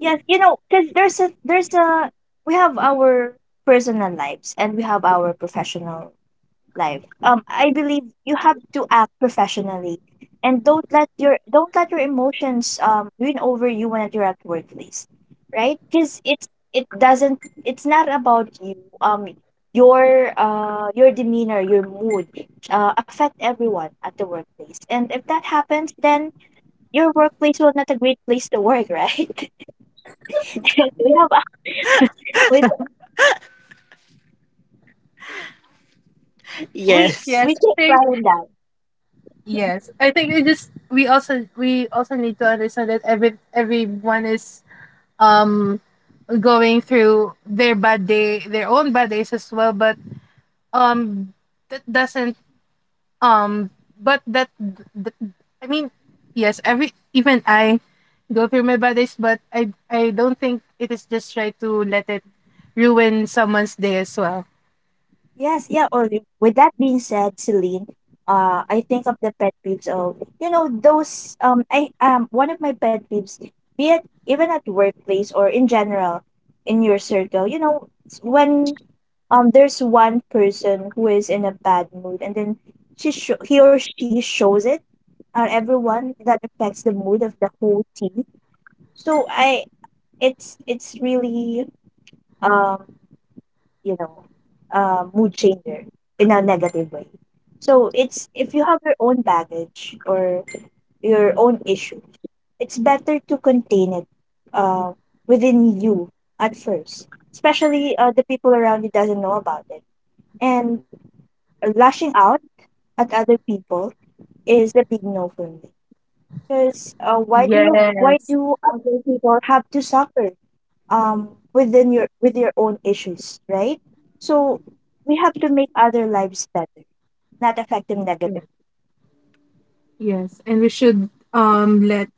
Speaker 2: yes, you know, because there's a we have our personal lives and we have our professional life. I believe you have to act professionally, and don't let your emotions win over you when you're at workplace, right? Because it doesn't it's not about you. Um, your demeanor, your mood, affect everyone at the workplace, and if that happens, then your workplace was not a great place to work, right? (laughs) we have a- we we we
Speaker 1: Yes,
Speaker 2: take
Speaker 3: Yes, I
Speaker 2: pride in
Speaker 3: think,
Speaker 2: that.
Speaker 3: yes. I think we also need to understand that everyone is um going through their bad day, their own bad days as well, but um that doesn't um but that th- th- I mean yes, every even I go through my bodies, but I don't think it is just try to let it ruin someone's day as well.
Speaker 2: Yes, yeah, or with that being said, Celine, I think of the pet peeves of, you know, those I one of my pet peeves, be it even at workplace or in general, in your circle, you know, it's when there's one person who is in a bad mood and then he or she shows it on everyone that affects the mood of the whole team. So I it's really um you know, mood changer in a negative way. So it's if you have your own baggage or your own issues, it's better to contain it uh, within you at first, especially the people around you doesn't know about it. And lashing out at other people is a big no for me. Because why
Speaker 3: Yes.
Speaker 2: do other people have to suffer um within your with your own issues, right? So we have to make other lives better, not affect them
Speaker 3: Yeah.
Speaker 2: negatively.
Speaker 3: Yes, and we should let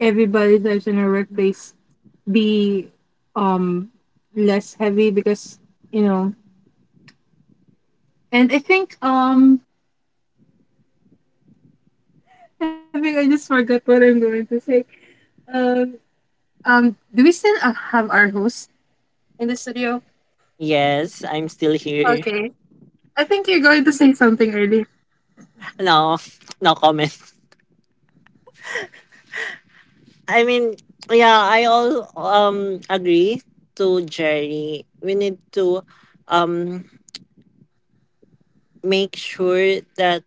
Speaker 3: everybody's lives in our workplace be um less heavy. Because, you know and I think I think I just forgot what I'm going to say. um do we still have our host in the studio?
Speaker 1: yes, I'm still here.
Speaker 3: Okay. I think you're going to say something earlier.
Speaker 1: No, no comment. I mean, yeah, I all agree to Jerry. We need to um make sure that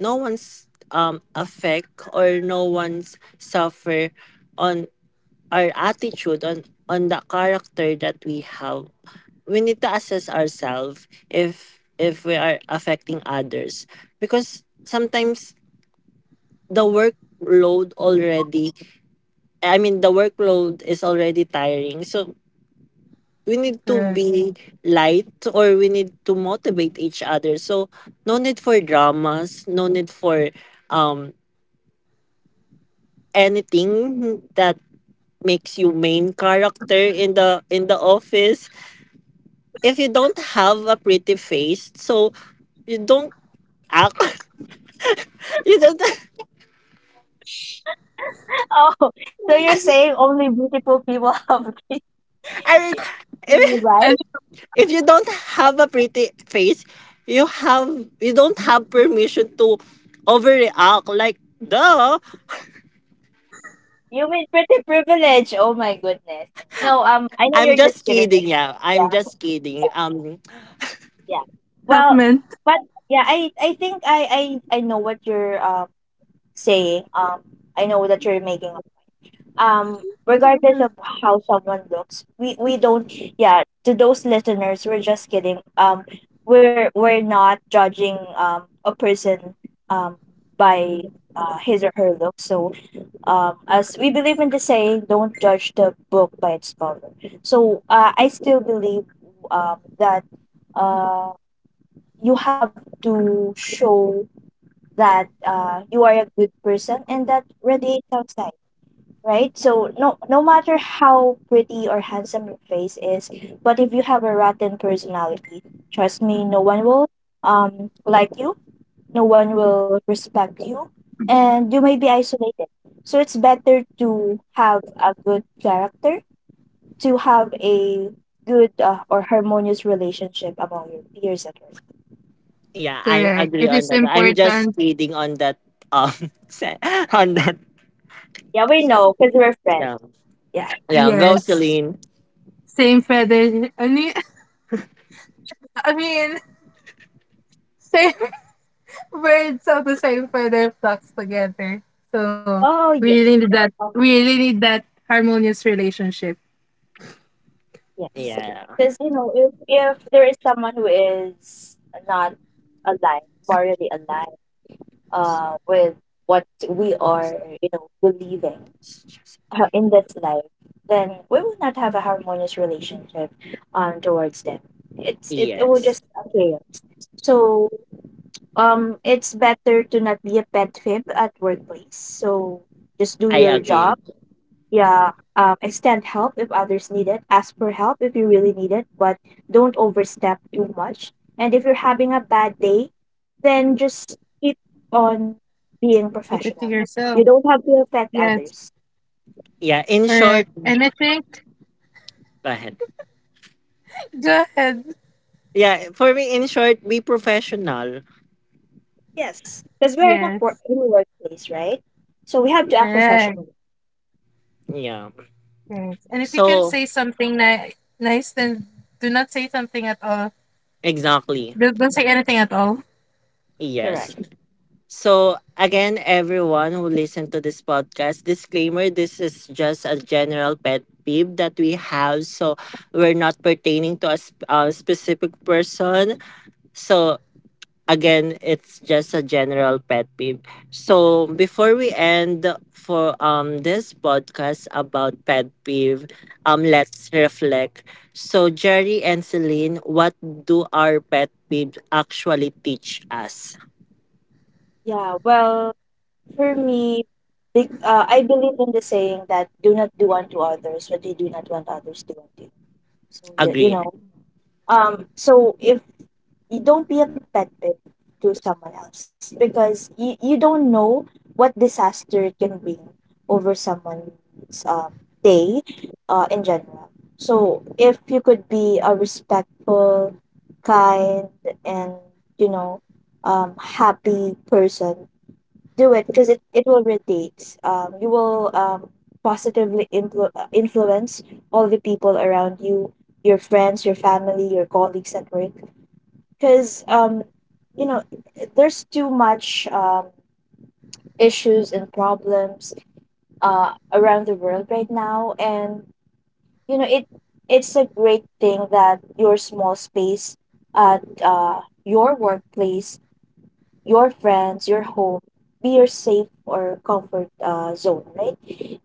Speaker 1: no one's affect, or no one's suffer on our attitude, on the character that we have. We need to assess ourselves if we are affecting others, because sometimes the workload already, I mean, the workload is already tiring. So we need to
Speaker 3: Correct.
Speaker 1: be light, or we need to motivate each other. So no need for dramas, no need for um anything that makes you main character in the office. If you don't have a pretty face, so you don't act. (laughs) you don't
Speaker 2: Oh, (laughs) so you're saying only beautiful people have (laughs) it,
Speaker 1: I mean, if,
Speaker 3: And
Speaker 2: right?
Speaker 3: it.
Speaker 1: if you don't have a pretty face, you have you don't have permission to overreact, like duh.
Speaker 2: You mean pretty privilege, oh my goodness. No, I know
Speaker 1: I'm
Speaker 2: you're just
Speaker 1: just
Speaker 2: kidding, but
Speaker 1: kidding. Yeah, I'm
Speaker 2: yeah,
Speaker 1: just kidding.
Speaker 2: yeah, yeah, well,
Speaker 3: (laughs)
Speaker 2: but yeah, I think I know what you're saying. I know that you're making um regardless of how someone looks we don't. Yeah, to those listeners, we're just kidding. We're not judging a person um by his or her look. So as we believe in the saying, don't judge the book by its cover. So I still believe that uh you have to show that you are a good person and that radiates outside, right? So no, no matter how pretty or handsome your face is, but if you have a rotten personality, trust me, no one will like you, no one will respect you, and you may be isolated. So it's better to have a good character, to have a good or harmonious relationship among your peers at work.
Speaker 1: Yeah, I
Speaker 3: Correct.
Speaker 1: agree
Speaker 3: It
Speaker 1: on
Speaker 3: is
Speaker 1: that. I'm just
Speaker 3: important.
Speaker 1: kidding on that. Um, (laughs) se- on that.
Speaker 2: Yeah, we know because we're friends.
Speaker 1: Yeah,
Speaker 2: Yeah.
Speaker 1: yeah. Go,
Speaker 3: Yes.
Speaker 1: Celine.
Speaker 3: Same feather. I mean, (laughs) I mean same (laughs) birds of the same feather flocks together. So
Speaker 2: Oh
Speaker 3: we
Speaker 2: yeah.
Speaker 3: really need that.
Speaker 2: Oh.
Speaker 3: We really need that harmonious relationship.
Speaker 2: Yes.
Speaker 1: Yeah.
Speaker 2: Because, you know, if there is someone who is not aligned, morally aligned, with what we are, you know, believing in this life, then we will not have a harmonious relationship towards them. It's it will
Speaker 1: Yes,
Speaker 2: just a chaos. So it's better to not be a pet fib at workplace. So just do
Speaker 1: I
Speaker 2: your job,
Speaker 1: agree.
Speaker 2: yeah, extend help if others need it. Ask for help if you really need it, but don't overstep too much. And if you're having a bad day, then just keep on being
Speaker 3: Keep it to
Speaker 2: professional.
Speaker 3: yourself.
Speaker 2: You don't have to affect
Speaker 3: Yes.
Speaker 2: others.
Speaker 1: Yeah. In short,
Speaker 3: Correct. And I think.
Speaker 1: go ahead.
Speaker 3: Go ahead.
Speaker 1: Yeah, for me, in short, be professional.
Speaker 2: Yes, because we're in a, por-
Speaker 3: Yes.
Speaker 2: in a workplace, right? So we have to act
Speaker 3: Correct.
Speaker 2: professionally.
Speaker 1: Yeah.
Speaker 3: Yes. And if you can
Speaker 1: So
Speaker 3: say something nice, then do not say something at all.
Speaker 1: exactly.
Speaker 3: Don't say anything at all.
Speaker 1: Yes.
Speaker 2: Correct.
Speaker 1: So, again, everyone who listened to this podcast, disclaimer, this is just a general pet peeve that we have. So, we're not pertaining to a, a specific person. So, again, it's just a general pet peeve. So, before we end for this podcast about pet peeve, let's reflect. So, Jerry and Celine, what do our pet peeves actually teach us?
Speaker 2: Yeah, well, for me, big, I believe in the saying that do not do unto others what you do not want others to do unto you. So you
Speaker 1: Agree.
Speaker 2: know, so if you don't be a pet to someone else because you don't know what disaster it can bring over someone's day, in general. So if you could be a respectful, kind, and you know, happy person, do it because it will radiate. You will positively influence all the people around you, your friends, your family, your colleagues at work. Because, you know, there's too much issues and problems around the world right now. And, you know, it's a great thing that your small space at your workplace, your friends, your home, be your safe or comfort zone, right?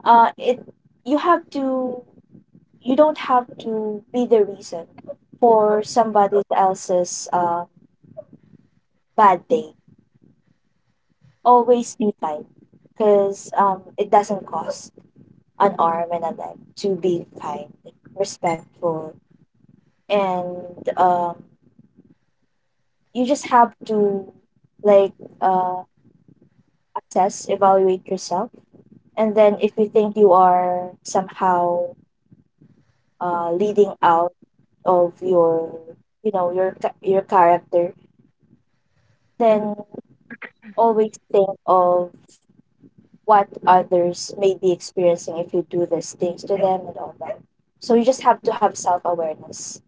Speaker 2: It you have to you don't have to be the reason for somebody else's bad day. Always be kind, because it doesn't cost an arm and a leg to be kind, respectful, and um, you just have to like uh, assess, evaluate yourself. And then if you think you are somehow leading out of your, you know, your character, then always think of what others may be experiencing if you do these things to them and all that. So you just have to have self awareness.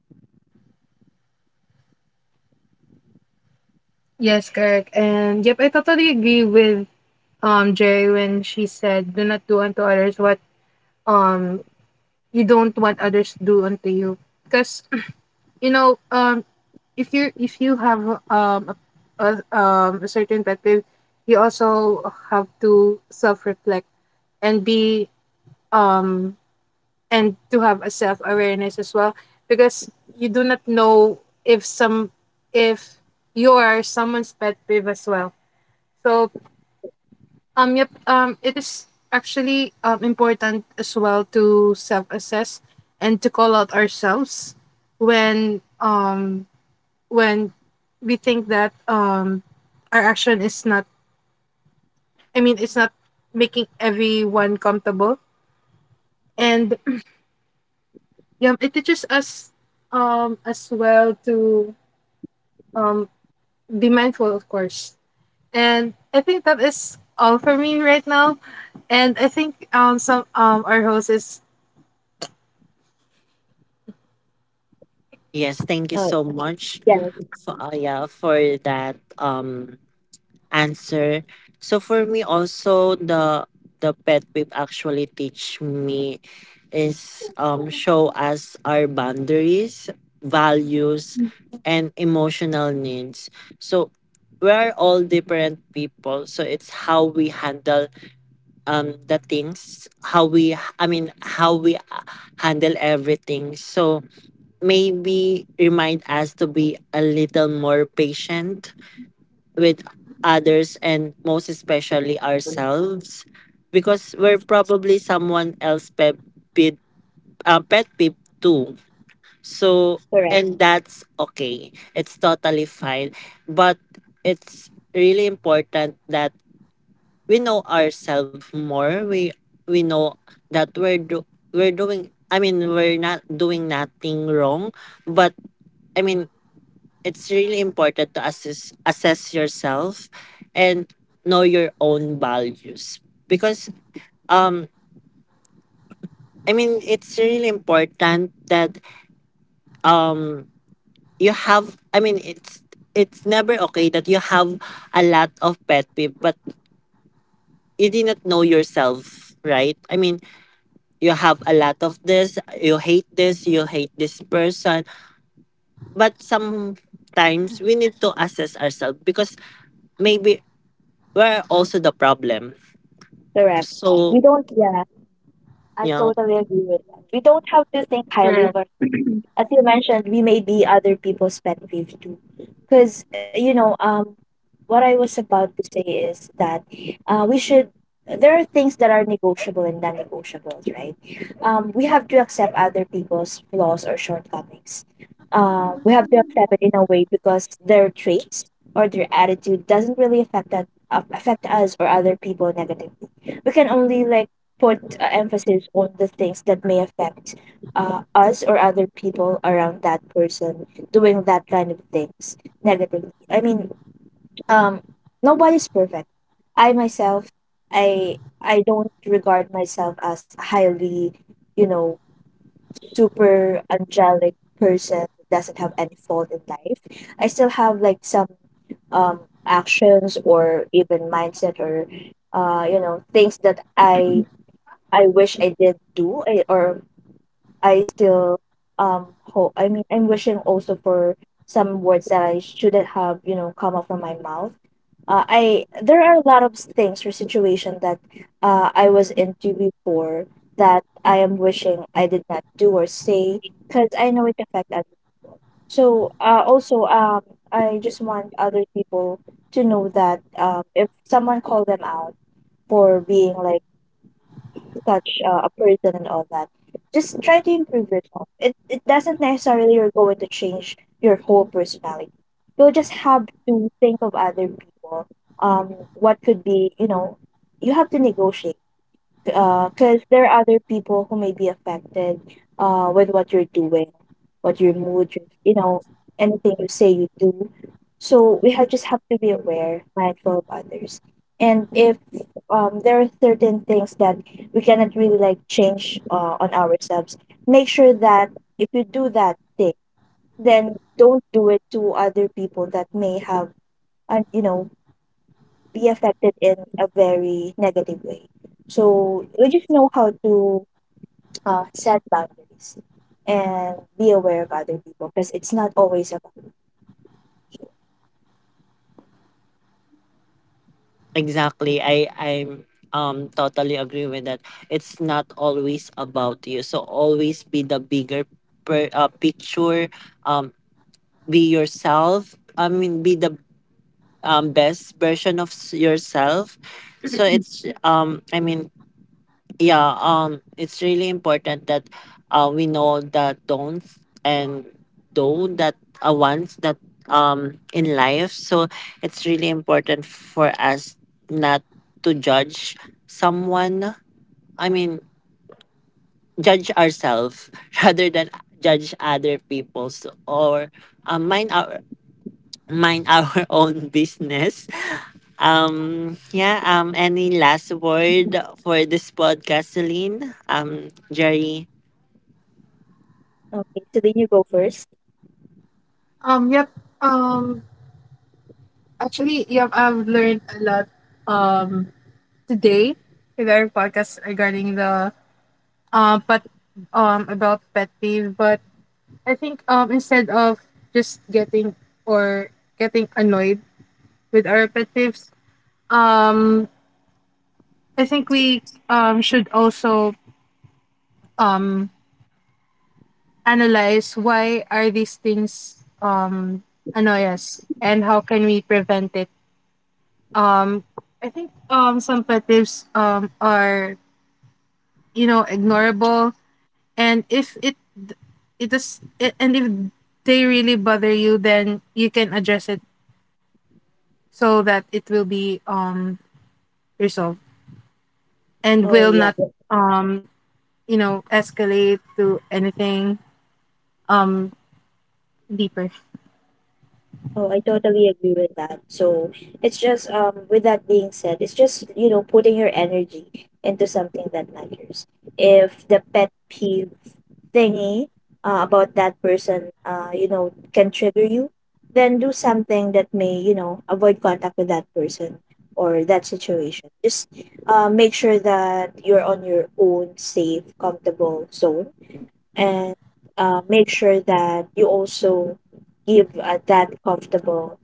Speaker 3: Yes, correct. And yep, I totally agree with Jay when she said, "Do not do unto others what um you don't want others to do unto you." Because (clears throat) you know um if you have um a, a, a certain pet peeve, you also have to self reflect, and be um and to have a self awareness as well. Because you do not know if some if you are someone's pet peeve as well. So yep, it is actually important as well to self assess, and to call out ourselves when um when we think that our action is not I mean it's not making everyone comfortable. And (clears throat) yeah, it teaches us as well to um be mindful, of course. And I think that is all for me right now and I think some our host is.
Speaker 1: Yes, thank you so
Speaker 2: Oh,
Speaker 1: much
Speaker 2: yes,
Speaker 1: for yeah, for that answer. So for me also, the pet peeve actually teach me is show us our boundaries, values, and emotional needs. So we are all different people, so it's how we handle the things, how we, I mean, how we handle everything. So maybe remind us to be a little more patient with others, and most especially ourselves, because we're probably someone else pet peeve, uh, pet peeve too. So,
Speaker 2: correct,
Speaker 1: and that's okay. It's totally fine. But it's really important that we know ourselves more. We know that we're doing, I mean, we're not doing nothing wrong, but, I mean, it's really important to assess yourself and know your own values, because um it's really important that um you have I mean it's never okay that you have a lot of pet peeve but you did not know yourself, right? I mean, you have a lot of this, you hate this, you hate this person but sometimes we need to assess ourselves, because maybe we're also the problem.
Speaker 2: correct. We
Speaker 1: So,
Speaker 2: don't. Yeah, I
Speaker 1: you know,
Speaker 2: totally agree with that. We don't have to think highly of, as you mentioned, we may be other people's pet peeve too. Because, you know, what I was about to say is that we should, there are things that are negotiable and non negotiables, right? We have to accept other people's flaws or shortcomings. We have to accept it in a way because their traits or their attitude doesn't really affect affect us or other people negatively. We can only like put emphasis on the things that may affect us or other people around that person doing that kind of things negatively. I mean, um, nobody's perfect. I myself, I don't regard myself as a highly, you know, super angelic person that doesn't have any fault in life. I still have like some actions or even mindset or you know things that I wish I did do I still hope, I mean I'm wishing also for some words that I shouldn't have, you know, come up from my mouth. I there are a lot of things or situation that I was into before that I am wishing I did not do or say because I know it affect other people. So also I just want other people to know that if someone call them out for being like such a person and all that, just try to improve yourself. It doesn't necessarily you're going to change your whole personality. You'll just have to think of other people, what could be you know, you have to negotiate because there are other people who may be affected with what you're doing, what your mood, your, you know, anything you say you do. So we have just have to be aware, mindful of others. And if there are certain things that we cannot really like change on ourselves, make sure that if you do that thing, then don't do it to other people that may have, you know, be affected in a very negative way. So we just know how to set boundaries and be aware of other people because it's not always about. You.
Speaker 1: exactly, I totally agree with that. It's not always about you, so always be the bigger picture. um be yourself, I mean, be the best version of yourself. So it's I mean Yeah, it's really important that we know the don'ts and do that wants that in life. So it's really important for us not to judge someone. I mean, judge ourselves (laughs) rather than judge other people's, or um, mind our mind our (laughs) own business. Yeah. Any last word for this podcast, Celine, Jerry?
Speaker 2: Okay, so then you go first.
Speaker 3: Yep. um Actually, yep, I've learned a lot um today, with our podcast regarding the, but about pet peeve. But I think, instead of just getting or getting annoyed with our pet peeves, um I think we should also um analyze why are these things annoyance, and how can we prevent it. Um I think Some pet peeves are, ignorable. And if it it does it, and if they really bother you, then you can address it, so that it will be resolved, and
Speaker 2: Oh
Speaker 3: will
Speaker 2: yeah.
Speaker 3: not, um escalate to anything um deeper.
Speaker 2: Oh, I totally agree with that. So it's just with that being said, it's just you know putting your energy into something that matters. If the pet peeve thingy about that person you know can trigger you, then do something that may you know avoid contact with that person or that situation. Just make sure that you're on your own safe, comfortable zone and make sure that you also give that comfortable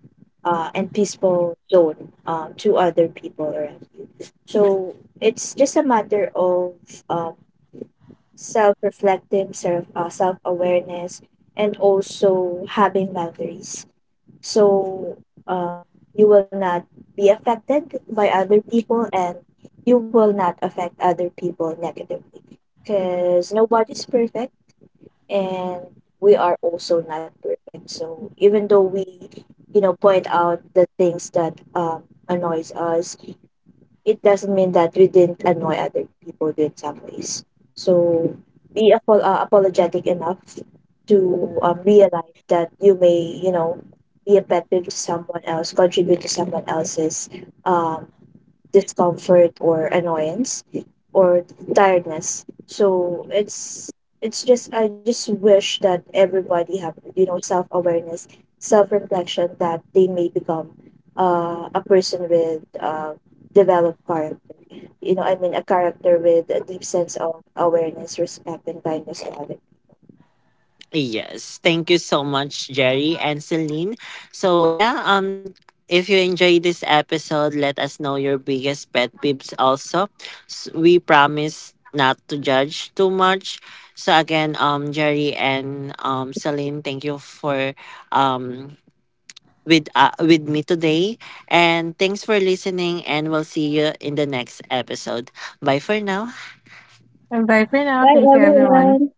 Speaker 2: and peaceful zone to other people around you. So it's just a matter of um, self reflecting, self awareness, and also having boundaries. So um, you will not be affected by other people and you will not affect other people negatively because nobody's perfect and we are also not perfect, so even though we you know point out the things that annoys us, it doesn't mean that we didn't annoy other people too in some ways. So apologetic enough to realize that you may you know be a pet peeve to someone else, contribute to someone else's um discomfort or annoyance or tiredness. So it's just I just wish that everybody have you know self awareness, self reflection that they may become a person with developed character. You know, I mean a character with a deep sense of awareness, respect, and kindness to others.
Speaker 1: Yes, thank you so much, Jerry and Celine. So yeah, if you enjoyed this episode, let us know your biggest pet peeves. Also, we promise not to judge too much. So again, Jerry and, Celine, thank you for um with me today, and thanks for listening. And we'll see you in the next episode. Bye for now.
Speaker 3: And bye for now.
Speaker 2: Bye,
Speaker 3: Thank you everyone.
Speaker 2: everyone.